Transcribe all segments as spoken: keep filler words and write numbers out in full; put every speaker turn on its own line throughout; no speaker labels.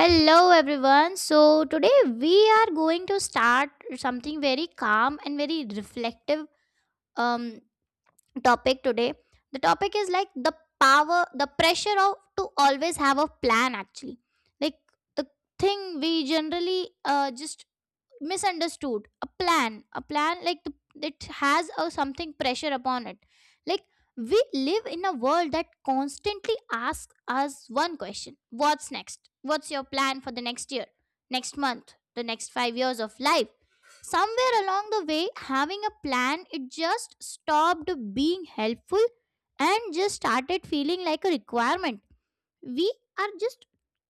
Hello everyone. So today we are going to start something very calm and very reflective. Um topic today. The topic is like the power, the pressure of to always have a plan actually. Like the thing we generally uh, just misunderstood a plan a plan like the, it has a something pressure upon it. Like we live in a world that constantly asks us one question. What's next? What's your plan for the next year, next month, the next five years of life? Somewhere along the way, having a plan, it just stopped being helpful and just started feeling like a requirement. We are just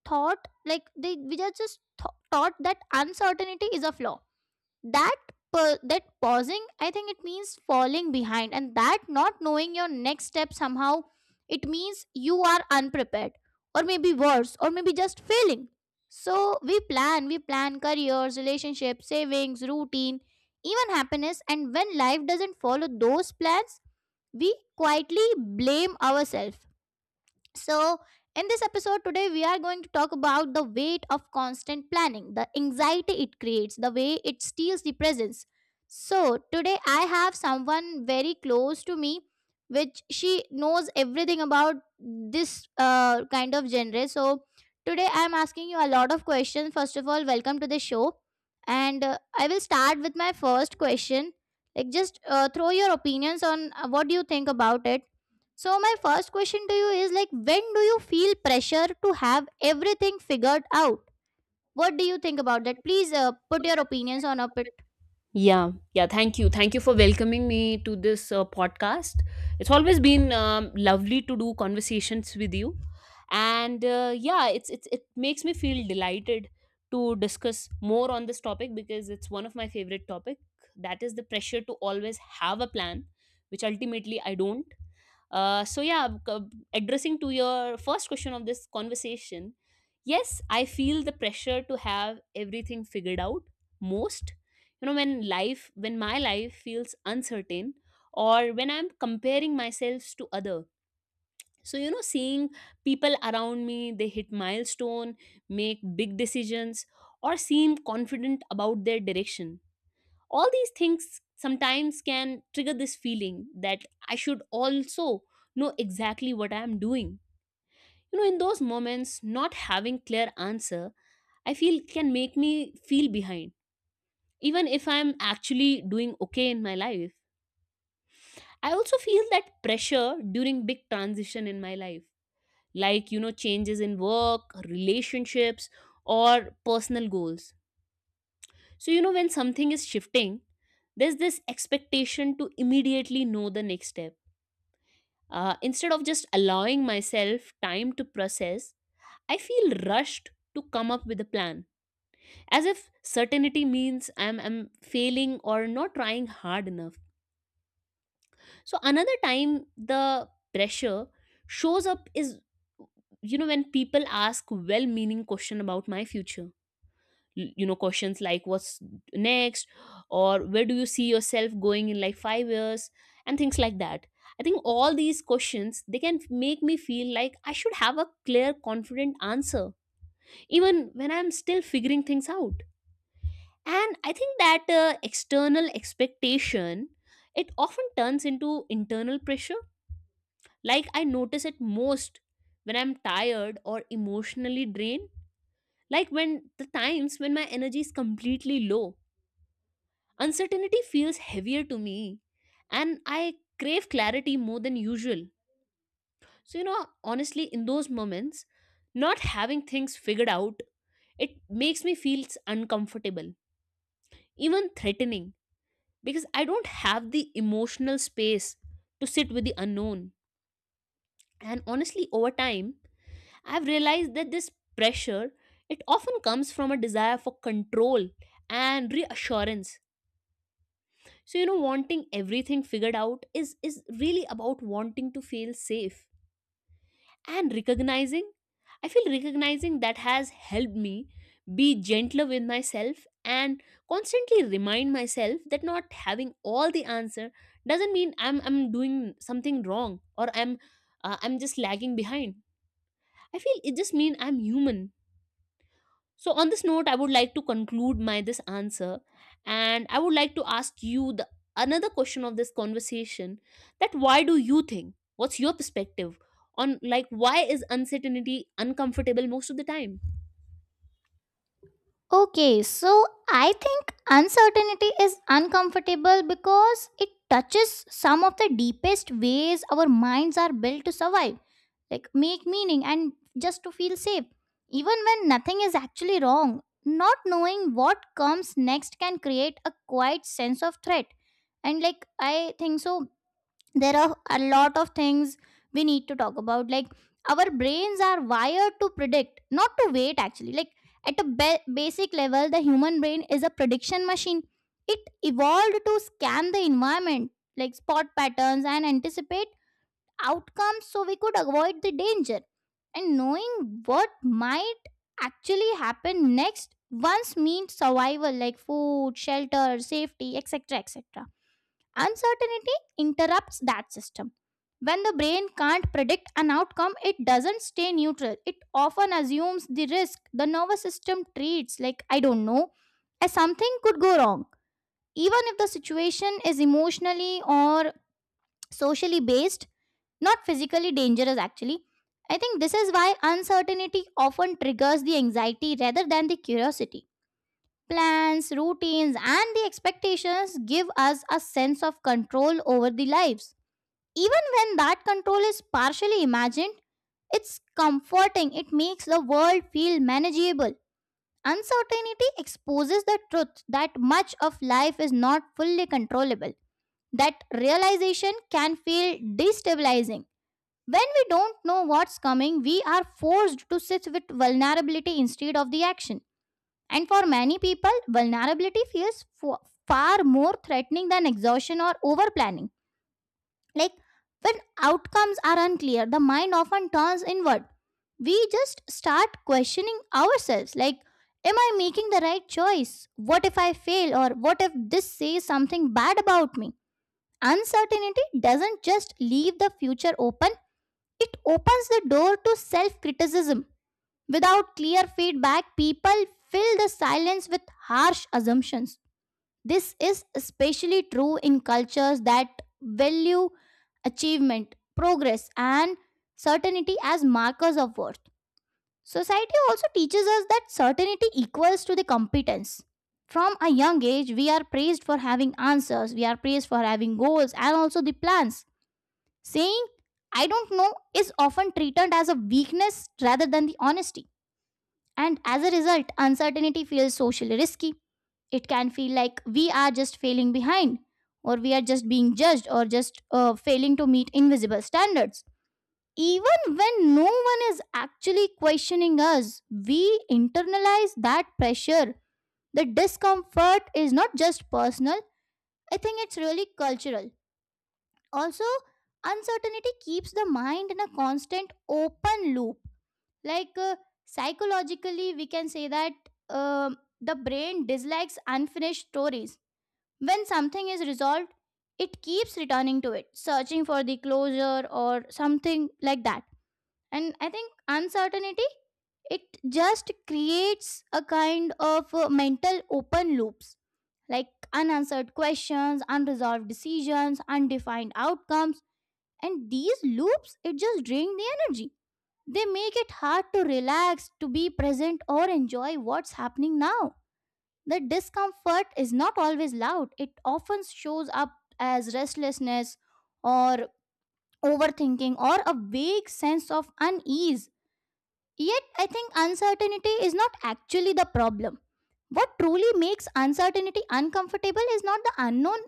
thought like they we are just th- taught that uncertainty is a flaw, that pa- that pausing, I think, it means falling behind, and that not knowing your next step somehow, it means you are unprepared, or maybe worse, or maybe just failing. So we plan we plan careers, relationships, savings, routine, even happiness. And when life doesn't follow those plans, we quietly blame ourselves. So, in this episode today, we are going to talk about the weight of constant planning, the anxiety it creates, the way it steals the presence. So, today I have someone very close to me, which she knows everything about this uh, kind of genre. So, today I am asking you a lot of questions. First of all, welcome to the show. And uh, I will start with my first question. Like, just uh, throw your opinions on uh, what do you think about it. So my first question to you is like when do you feel pressure to have everything figured out? What do you think about that? Please uh, put
Oye,
your opinions on up it.
Miguel. Yeah, yeah. Thank you. Thank you for welcoming me to this uh, podcast. It's always been um, lovely to do conversations with you, and uh, yeah, it's it's it makes me feel delighted to discuss more on this topic because it's one of my favorite topic. That is the pressure to always have a plan, which ultimately I don't. Uh, so yeah, c- addressing to your first question of this conversation, yes, I feel the pressure to have everything figured out most you know when life when my life feels uncertain, or when I'm comparing myself to other. So you know seeing people around me, they hit milestone, make big decisions, or seem confident about their direction. All these things sometimes can trigger this feeling that I should also know exactly what I'm doing. You know in those moments, not having clear answer, I feel, can make me feel behind, even if I'm actually doing okay in my life. I also feel that pressure during big transition in my life, like you know changes in work, relationships, or personal goals. So you know when something is shifting, there's this expectation to immediately know the next step. Uh, instead of just allowing myself time to process, I feel rushed to come up with a plan, as if certainty means I'm, I'm failing or not trying hard enough. So another time the pressure shows up is you know when people ask well-meaning question about my future. Y- You know questions like what's next, or where do you see yourself going in like five years and things like that. I think all these questions, they can make me feel like I should have a clear confident answer even when I'm still figuring things out. And I think that uh, external expectation, it often turns into internal pressure. Like I notice it most when I'm tired or emotionally drained, like when the times when my energy is completely low. Uncertainty feels heavier to me, and I crave clarity more than usual. So, you know, honestly, in those moments, not having things figured out, it makes me feel s- uncomfortable, even threatening, because I don't have the emotional space to sit with the unknown. And honestly, over time, I've realized that this pressure, it often comes from a desire for control and reassurance. So you know wanting everything figured out is is really about wanting to feel safe, and recognizing, I feel, recognizing that has helped me be gentler with myself and constantly remind myself that not having all the answer doesn't mean I'm I'm doing something wrong, or I'm uh, I'm just lagging behind. I feel it just means I'm human. So on this note, I would like to conclude my this answer, and I would like to ask you the another question of this conversation: that why do you think? What's your perspective on, like, why is uncertainty uncomfortable most of the time?
Okay, so I think uncertainty is uncomfortable because it touches some of the deepest ways our minds are built to survive, like make meaning and just to feel safe. Even when nothing is actually wrong, not knowing what comes next can create a quiet sense of threat. And like I think so there are a lot of things we need to talk about, like our brains are wired to predict, not to wait actually. Like at a ba- basic level, the human brain is a prediction machine. It evolved to scan the environment, like spot patterns and anticipate outcomes so we could avoid the danger. And knowing what might actually happen next once means survival, like food, shelter, safety, etc, etc. Uncertainty interrupts that system. When the brain can't predict an outcome, it doesn't stay neutral. It often assumes the risk. The nervous system treats, like, I don't know, as something could go wrong. Even if the situation is emotionally or socially based, not physically dangerous, actually. I think this is why uncertainty often triggers the anxiety rather than the curiosity. Plans, routines, and the expectations give us a sense of control over the lives. Even when that control is partially imagined, it's comforting. It makes the world feel manageable. Uncertainty exposes the truth that much of life is not fully controllable. That realization can feel destabilizing. When we don't know what's coming, we are forced to sit with vulnerability instead of the action. And for many people, vulnerability feels fo- far more threatening than exhaustion or over planning. Like when outcomes are unclear, the mind often turns inward. We just start questioning ourselves, like, am I making the right choice? What if I fail? Or what if this says something bad about me? Uncertainty doesn't just leave the future open, it opens the door to self criticism. Without clear feedback, people fill the silence with harsh assumptions. This is especially true in cultures that value achievement, progress, and certainty as markers of worth. Society also teaches us that certainty equals to the competence. From a young age, we are praised for having answers, we are praised for having goals, and also the plans. Saying, I don't know, is often treated as a weakness rather than the honesty. And as a result, uncertainty feels socially risky. It can feel like we are just failing behind, or we are just being judged, or just uh, failing to meet invisible standards. Even when no one is actually questioning us, we internalize that pressure. The discomfort is not just personal, I think it's really cultural. Also, uncertainty keeps the mind in a constant open loop. Like uh, psychologically, we can say that um the brain dislikes unfinished stories. When something is resolved, it keeps returning to it, searching for the closure or something like that. And I think uncertainty, it just creates a kind of uh, mental open loops, like unanswered questions, unresolved decisions, undefined outcomes. And these loops, it just drain the energy. They make it hard to relax, to be present, or enjoy what's happening now. The discomfort is not always loud, it often shows up as restlessness or overthinking or a vague sense of unease. Yet, I think uncertainty is not actually the problem. What truly makes uncertainty uncomfortable is not the unknown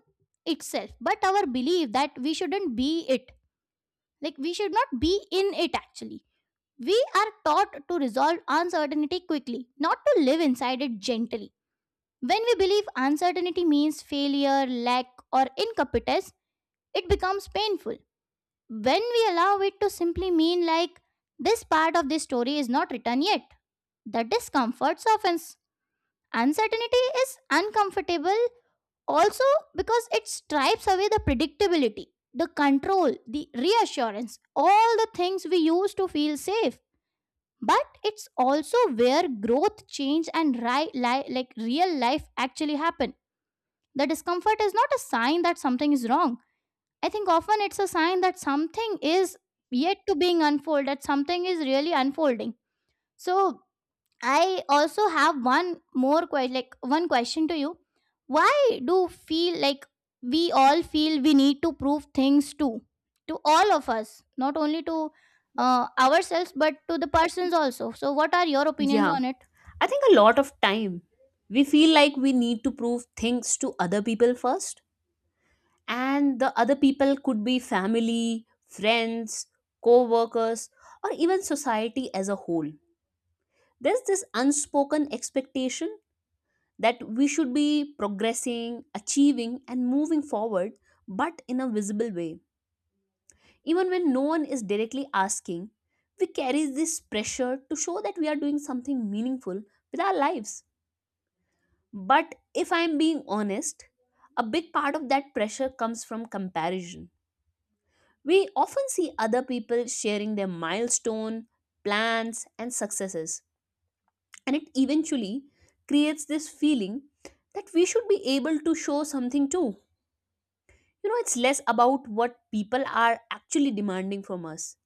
itself, but our belief that we shouldn't be it. Like, we should not be in it actually. We are taught to resolve uncertainty quickly, not to live inside it gently. When we believe uncertainty means failure, lack, or incompetence, it becomes painful. When we allow it to simply mean, like, this part of this story is not written yet, the discomfort softens. Uncertainty is uncomfortable also because it stripes away the predictability, the control, the reassurance, all the things we use to feel safe. But it's also where growth, change, and ri- li- like real life actually happen. The discomfort is not a sign that something is wrong. I think often it's a sign that something is yet to being unfolded, that something is really unfolding. So I also have one more que- like one question to you. Why do feel like we all feel we need to prove things to to all of us, not only to uh, ourselves but to the persons also. So what are your opinions
Yeah,
on it?
I think a lot of time we feel like we need to prove things to other people first, and the other people could be family, friends, co-workers, or even society as a whole. There's this unspoken expectation that we should be progressing, achieving, and moving forward, but in a visible way. Even when no one is directly asking, we carry this pressure to show that we are doing something meaningful with our lives. But if I'm being honest, a big part of that pressure comes from comparison. We often see other people sharing their milestone, plans, and successes, and it eventually creates this feeling that we should be able to show something too. You know it's less about what people are actually demanding from us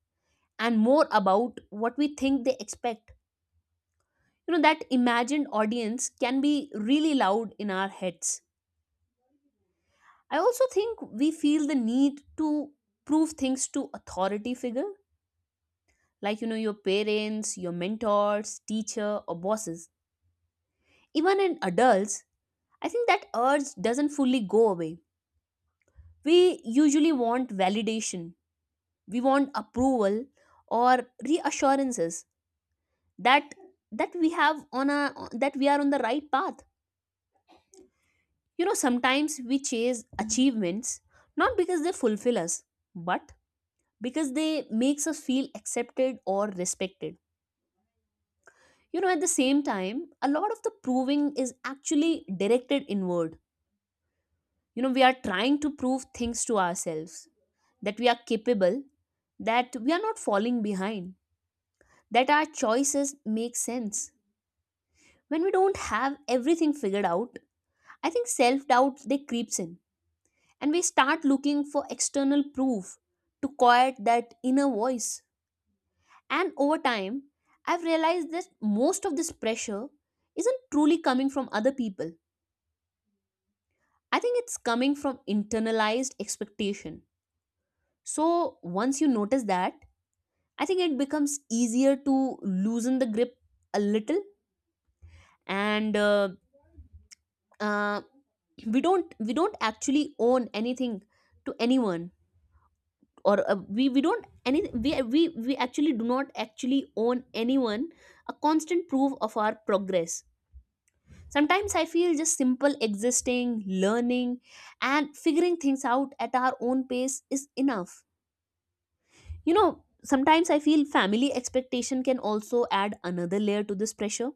and more about what we think they expect. You know that imagined audience can be really loud in our heads. I also think we feel the need to prove things to authority figure, like you know your parents, your mentors, teacher, or bosses. Even in adults, I think that urge doesn't fully go away. We usually want validation, we want approval or reassurances that that we have on a that we are on the right path. You know sometimes we chase achievements not because they fulfill us, but because they makes us feel accepted or respected. You know at the same time, a lot of the proving is actually directed inward. You know we are trying to prove things to ourselves that we are capable, that we are not falling behind, that our choices make sense. When we don't have everything figured out, I think self doubt, they creeps in, and we start looking for external proof to quiet that inner voice. And over time, I've realized that most of this pressure isn't truly coming from other people. I think it's coming from internalized expectation. So once you notice that, I think it becomes easier to loosen the grip a little, and uh, uh, we don't we don't actually own anything to anyone, or uh, we we don't any we, we we actually do not actually own anyone a constant proof of our progress. Sometimes I feel just simple existing, learning, and figuring things out at our own pace is enough. You know sometimes I feel family expectation can also add another layer to this pressure.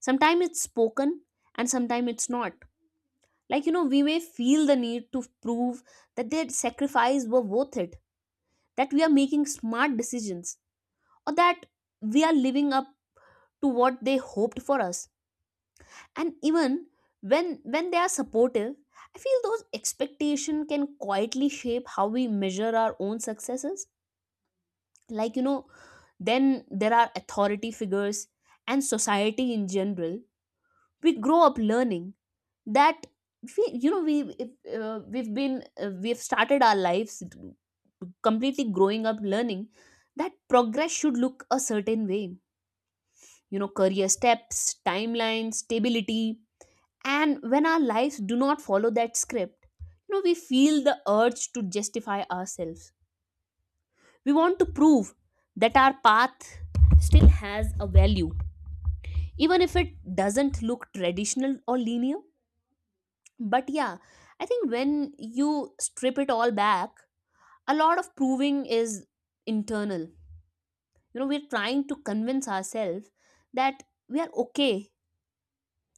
Sometimes it's spoken and sometimes it's not. Like you know we may feel the need to prove that their sacrifice were worth it, that we are making smart decisions, or that we are living up to what they hoped for us. And even when when they are supportive, I feel those expectation can quietly shape how we measure our own successes. Like you know then there are authority figures and society in general. We grow up learning that we you know we if, uh, we've been uh, we've started our lives completely growing up learning that progress should look a certain way. You know career steps, timelines, stability. And when our lives do not follow that script, you know we feel the urge to justify ourselves. We want to prove that our path still has a value, even if it doesn't look traditional or linear. But yeah, I think when you strip it all back, a lot of proving is internal. You know we're trying to convince ourselves that we are okay,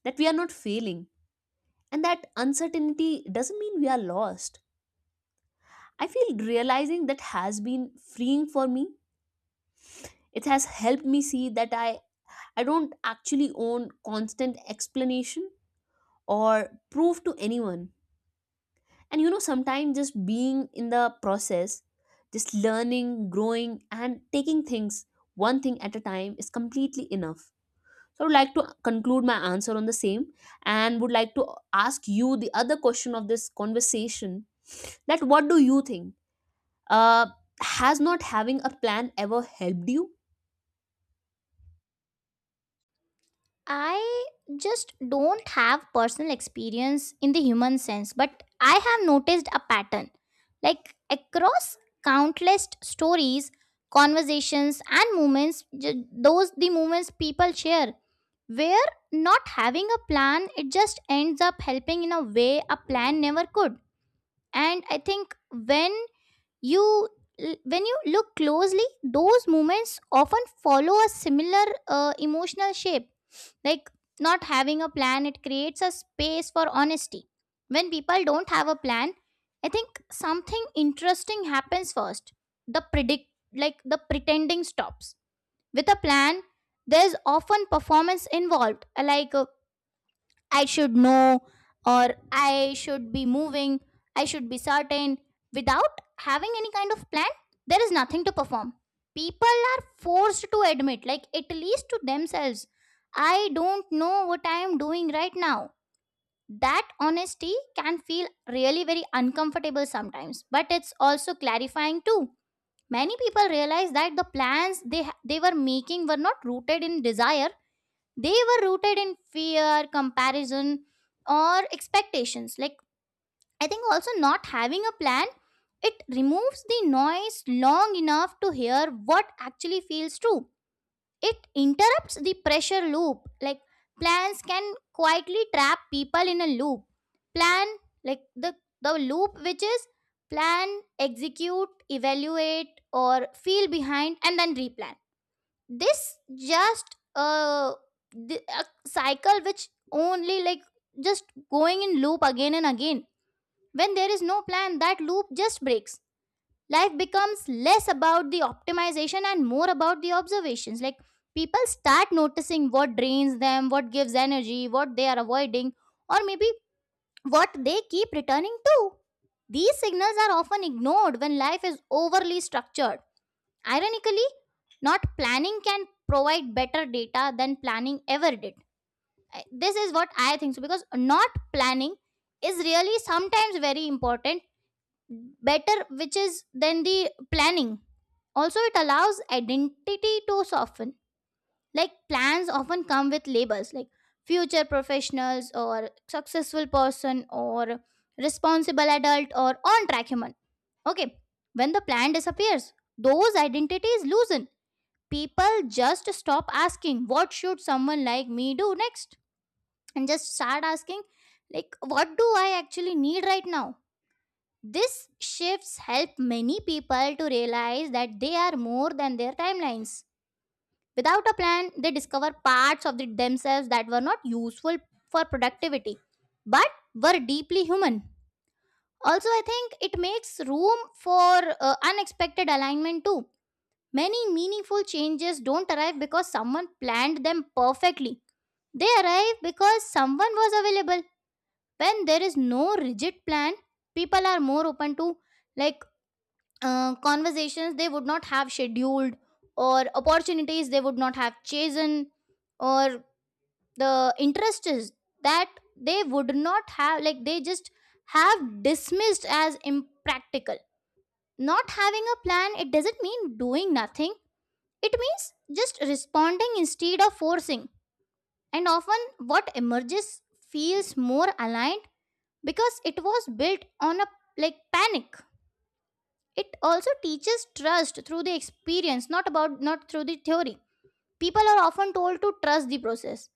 that we are not failing, and that uncertainty doesn't mean we are lost. I feel realizing that has been freeing for me. It has helped me see that I, I don't actually own constant explanation or proof to anyone. And you know, sometimes just being in the process, just learning, growing, and taking things one thing at a time is completely enough. So I would like to conclude my answer on the same and would like to ask you the other question of this conversation: that what do you think? uh, has not having a plan ever helped you?
I just don't have personal experience in the human sense, but I have noticed a pattern. Like across countless stories, conversations, and moments, ju- those the moments people share, where not having a plan, it just ends up helping in a way a plan never could. And I think when you when you look closely, those moments often follow a similar uh, emotional shape, like not having a plan, it creates a space for honesty. When people don't have a plan, I think something interesting happens first. The predict like the pretending stops. With a plan, there's often performance involved. Like uh, I should know, or I should be moving, I should be certain. Without having any kind of plan, there is nothing to perform. People are forced to admit, like at least to themselves, I don't know what I am doing right now. That honesty can feel really very uncomfortable sometimes, but it's also clarifying too. Many people realize that the plans they ha- they were making were not rooted in desire, they were rooted in fear, comparison, or expectations. Like I think also not having a plan, it removes the noise long enough to hear what actually feels true. It interrupts the pressure loop, like plans can quietly trap people in a loop. Plan, like the the loop which is plan, execute, evaluate, or feel behind, and then replan. This just uh, the, a cycle which only, like, just going in loop again and again. When there is no plan, that loop just breaks. Life becomes less about the optimization and more about the observations, like people start noticing what drains them, what gives energy, what they are avoiding, or maybe what they keep returning to. These signals are often ignored when life is overly structured. Ironically, not planning can provide better data than planning ever did. I- This is what I think so because not planning is really sometimes very important, better which is than the planning. Also, it allows identity to soften. Like plans often come with labels like future professionals, or successful person, or responsible adult, or on track human. Okay, when the plan disappears, those identities loosen. People just stop asking what should someone like me do next, and just start asking, like, what do I actually need right now. This shifts help many people to realize that they are more than their timelines. Without a plan, they discover parts of the- themselves that were not useful for productivity, but were deeply human. Also, I think it makes room for uh, unexpected alignment too. Many meaningful changes don't arrive because someone planned them perfectly. They arrive because someone was available. When there is no rigid plan, people are more open to, like, uh, conversations they would not have scheduled, or opportunities they would not have chosen, or the interests that they would not have, like they just have dismissed as impractical. Not having a plan, it doesn't mean doing nothing, it means just responding instead of forcing. And often, what emerges feels more aligned because it was built on a like panic. It also teaches trust through the experience, not about not through the theory. People are often told to trust the process,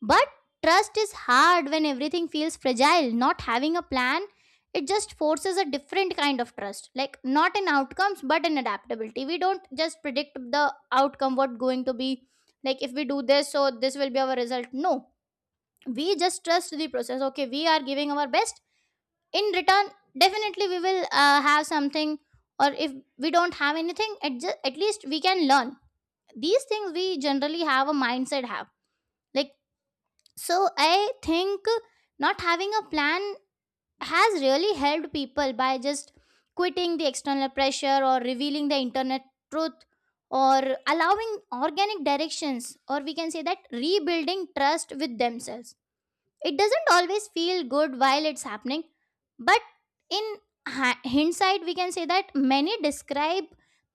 but trust is hard when everything feels fragile. Not having a plan, it just forces a different kind of trust. Like not in outcomes, but in adaptability. We don't just predict the outcome, what going to be. Like if we do this, so this will be our result. No, we just trust the process. Okay, we are giving our best. In return, definitely we will uh, have something. Or if we don't have anything, at, ju- at least we can learn. These things we generally have a mindset have like so I think not having a plan has really helped people by just quitting the external pressure or revealing the internet truth or allowing organic directions, or we can say that rebuilding trust with themselves. It doesn't always feel good while it's happening, but in ha- hindsight we can say that many describe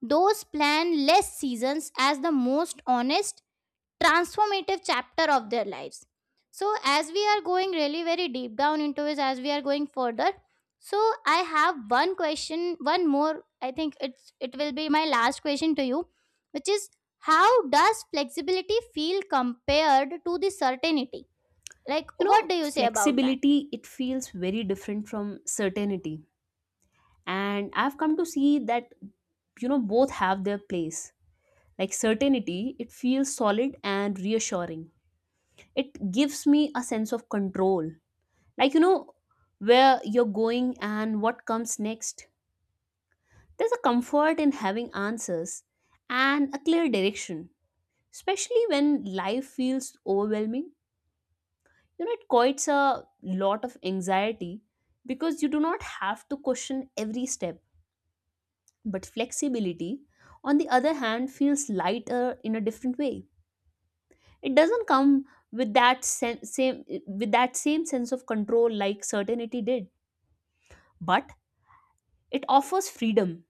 those plan less seasons as the most honest transformative chapter of their lives. So as we are going really very deep down into it, as we are going further, so I have one question, one more I think it's it will be my last question to you, which is how does flexibility feel compared to the certainty? Like
You
what
know
do you say about that?
Flexibility, it feels very different from certainty, and I've come to see that, you know both have their place. Like certainty, it feels solid and reassuring. It gives me a sense of control, like you know where you're going and what comes next. There's a comfort in having answers and a clear direction, especially when life feels overwhelming. You know it quite a lot of anxiety because you do not have to question every step. But flexibility, on the other hand, feels lighter in a different way. It doesn't come with that sen- same, with that same sense of control like certainty did, but it offers freedom.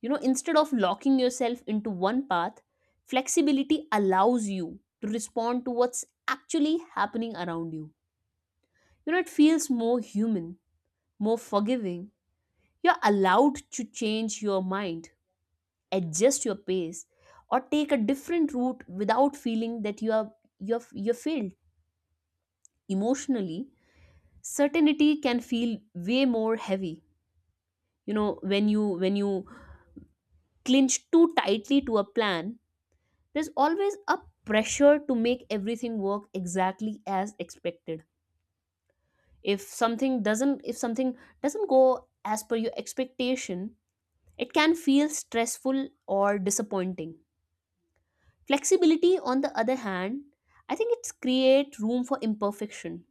you know Instead of locking yourself into one path, flexibility allows you to respond to what's actually happening around you you know It feels more human, more forgiving. You're allowed to change your mind, adjust your pace, or take a different route without feeling that you are you're you're failed emotionally. Certainty can feel way more heavy. You know, when you when you clinch too tightly to a plan, there's always a pressure to make everything work exactly as expected. If something doesn't if something doesn't go as per your expectation, it can feel stressful or disappointing. Flexibility, on the other hand, I think it's create room for imperfection.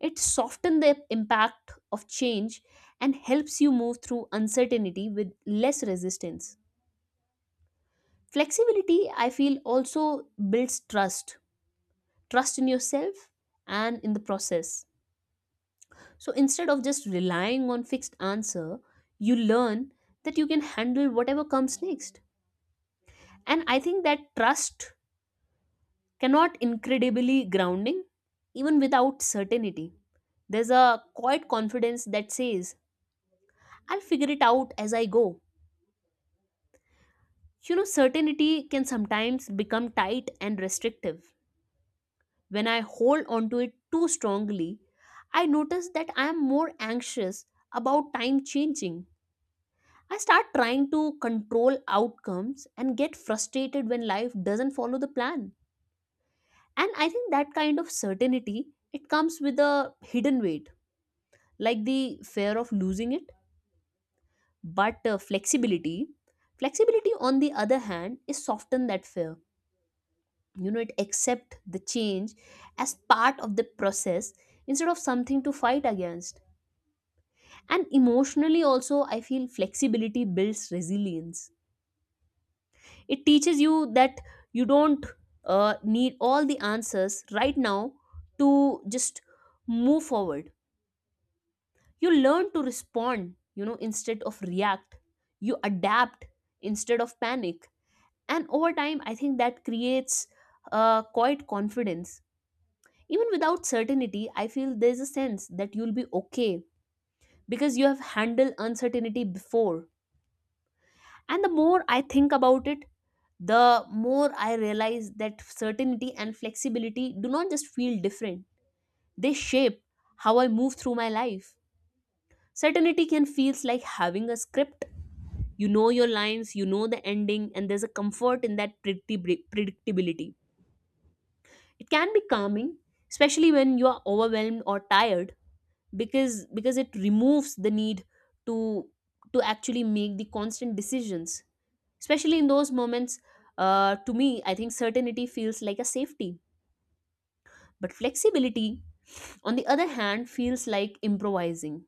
It softens the impact of change and helps you move through uncertainty with less resistance. Flexibility, I feel, also builds trust, trust in yourself and in the process. So instead of just relying on fixed answer, you learn that you can handle whatever comes next. And I think that trust cannot incredibly grounding even without certainty. There's a quiet confidence that says, I'll figure it out as I go. You know, certainty can sometimes become tight and restrictive. When I hold onto it too strongly, I notice that I am more anxious about time changing. I start trying to control outcomes and get frustrated when life doesn't follow the plan. And I think that kind of certainty, it comes with a hidden weight, like the fear of losing it, but uh, flexibility flexibility on the other hand is soften that fear. You know it accept the change as part of the process instead of something to fight against. And emotionally also, I feel flexibility builds resilience. It teaches you that you don't uh, need all the answers right now to just move forward. You learn to respond, you know, instead of react. You adapt instead of panic. And over time, I think that creates uh, quite confidence. Even without certainty, I feel there's a sense that you'll be okay because you have handled uncertainty before. And the more I think about it, the more I realize that certainty and flexibility do not just feel different, they shape how I move through my life. Certainty can feels like having a script. You know your lines, you know the ending, and there's a comfort in that predictib- predictability. It can be calming, especially when you are overwhelmed or tired, because because it removes the need to to actually make the constant decisions. Especially in those moments, uh, to me, I think certainty feels like a safety, but flexibility, on the other hand, feels like improvising,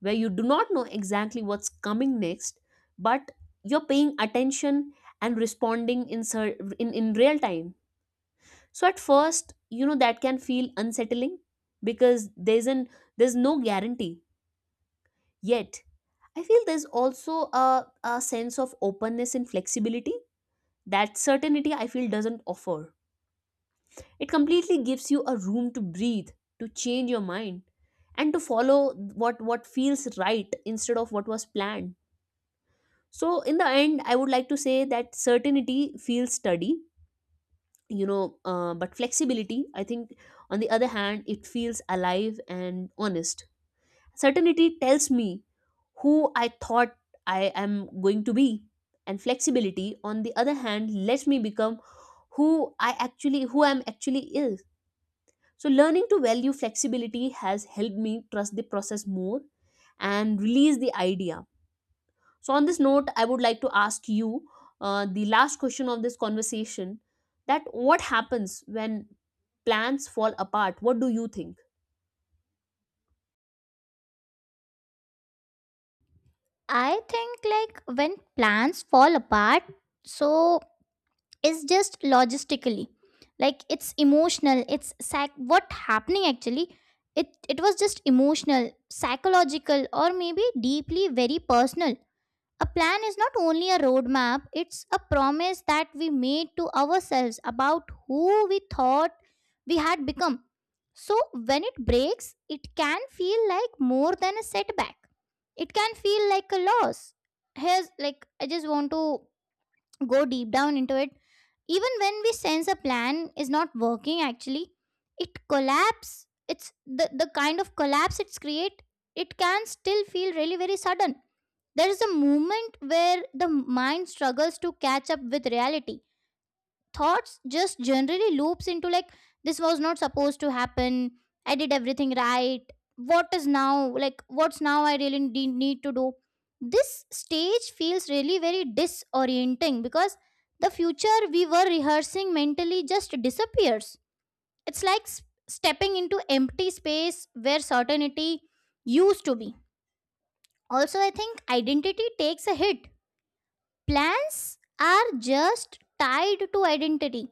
where you do not know exactly what's coming next, but you're paying attention and responding in cer- in, in real time. So at first, you know, that can feel unsettling because there's an there's no guarantee yet. I feel there's also a, a sense of openness and flexibility that certainty, I feel, doesn't offer. It completely gives you a room to breathe, to change your mind, and to follow what what feels right instead of what was planned. So in the end, I would like to say that certainty feels steady, you know, uh, but flexibility, I think, on the other hand, it feels alive and honest. Certainty tells me who I thought I am going to be, and flexibility on the other hand lets me become who i actually who I'm actually is. So learning to value flexibility has helped me trust the process more and release the idea. So on this note, I would like to ask you uh, the last question of this conversation, that what happens when plans fall apart? What do you think?
I think like when plans fall apart, so is just logistically, like it's emotional, it's sac- what happening actually, it it was just emotional, psychological, or maybe deeply very personal. A plan is not only a roadmap, it's a promise that we made to ourselves about who we thought we had become. So when it breaks, it can feel like more than a setback, it can feel like a loss. Here's like I just want to go deep down into it. Even when we sense a plan is not working, actually, it collapse. It's the, the kind of collapse it's create, it can still feel really very sudden. There is a moment where the mind struggles to catch up with reality. Thoughts just generally loops into like, this was not supposed to happen, I did everything right, what is now, like what's now I really de- need to do. This stage feels really very disorienting because the future we were rehearsing mentally just disappears. It's like s- stepping into empty space where certainty used to be. Also I think identity takes a hit. Plans are just tied to identity.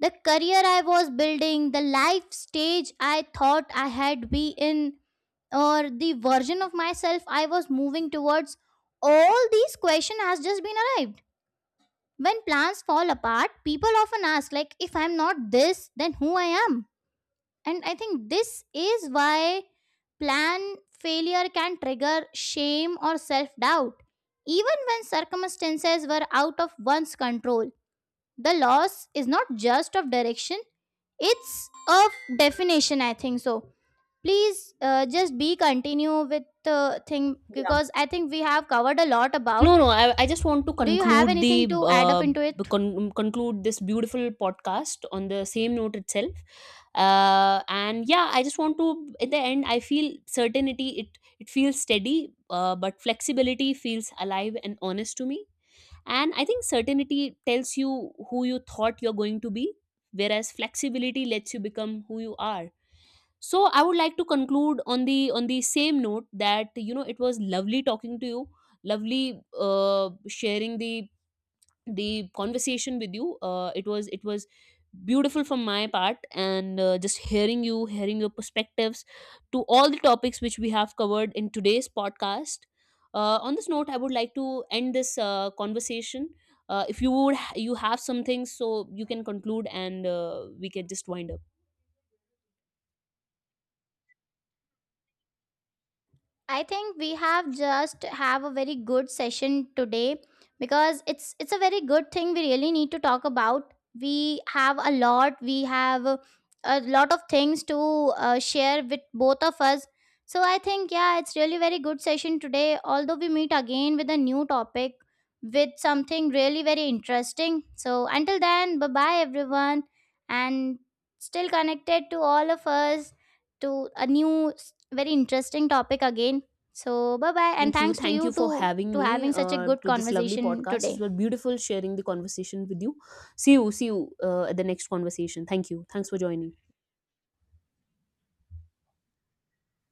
The career I was building, the life stage I thought I had be in, or the version of myself I was moving towards. All these question has just been arrived. When plans fall apart, people often ask like, if I'm not this, then who I am? And I think this is why plan failure can trigger shame or self doubt. Even when circumstances were out of one's control, the loss is not just of direction, it's of definition, I think so. Please uh, just be continue with the thing because I think we have covered a lot about.
No, no. I, I just want to
Do you have
conclude
anything
the
to add up
uh,
into
b-
it?
con- conclude this beautiful podcast on the same note itself. Uh, and yeah, I just want to. At the end, I feel certainty. It it feels steady, uh, but flexibility feels alive and honest to me. And I think certainty tells you who you thought you're going to be, whereas flexibility lets you become who you are. So I would like to conclude on the on the same note that, you know, it was lovely talking to you, lovely uh, sharing the the conversation with you. uh, it was it was beautiful from my part, and uh, just hearing you hearing your perspectives to all the topics which we have covered in today's podcast. Uh, on this note, I would like to end this uh, conversation. uh, if you would you have some things, so you can conclude, and uh, we can just wind up.
I think we have just have a very good session today because it's it's a very good thing we really need to talk about. We have a lot. We have a a lot of things to uh, share with both of us. So I think yeah, it's really very good session today. Although we meet again with a new topic, with something really very interesting. So until then, bye bye everyone, and still connected to all of us to a new, s- very interesting topic again. So, bye bye, and
Thank you.
thanks to
Thank
you
you
to
for having
to
me
having such a
uh,
good
to this lovely
conversation
podcast.
today.
It was beautiful sharing the conversation with you. See you. See you uh, at the next conversation. Thank you. Thanks for joining.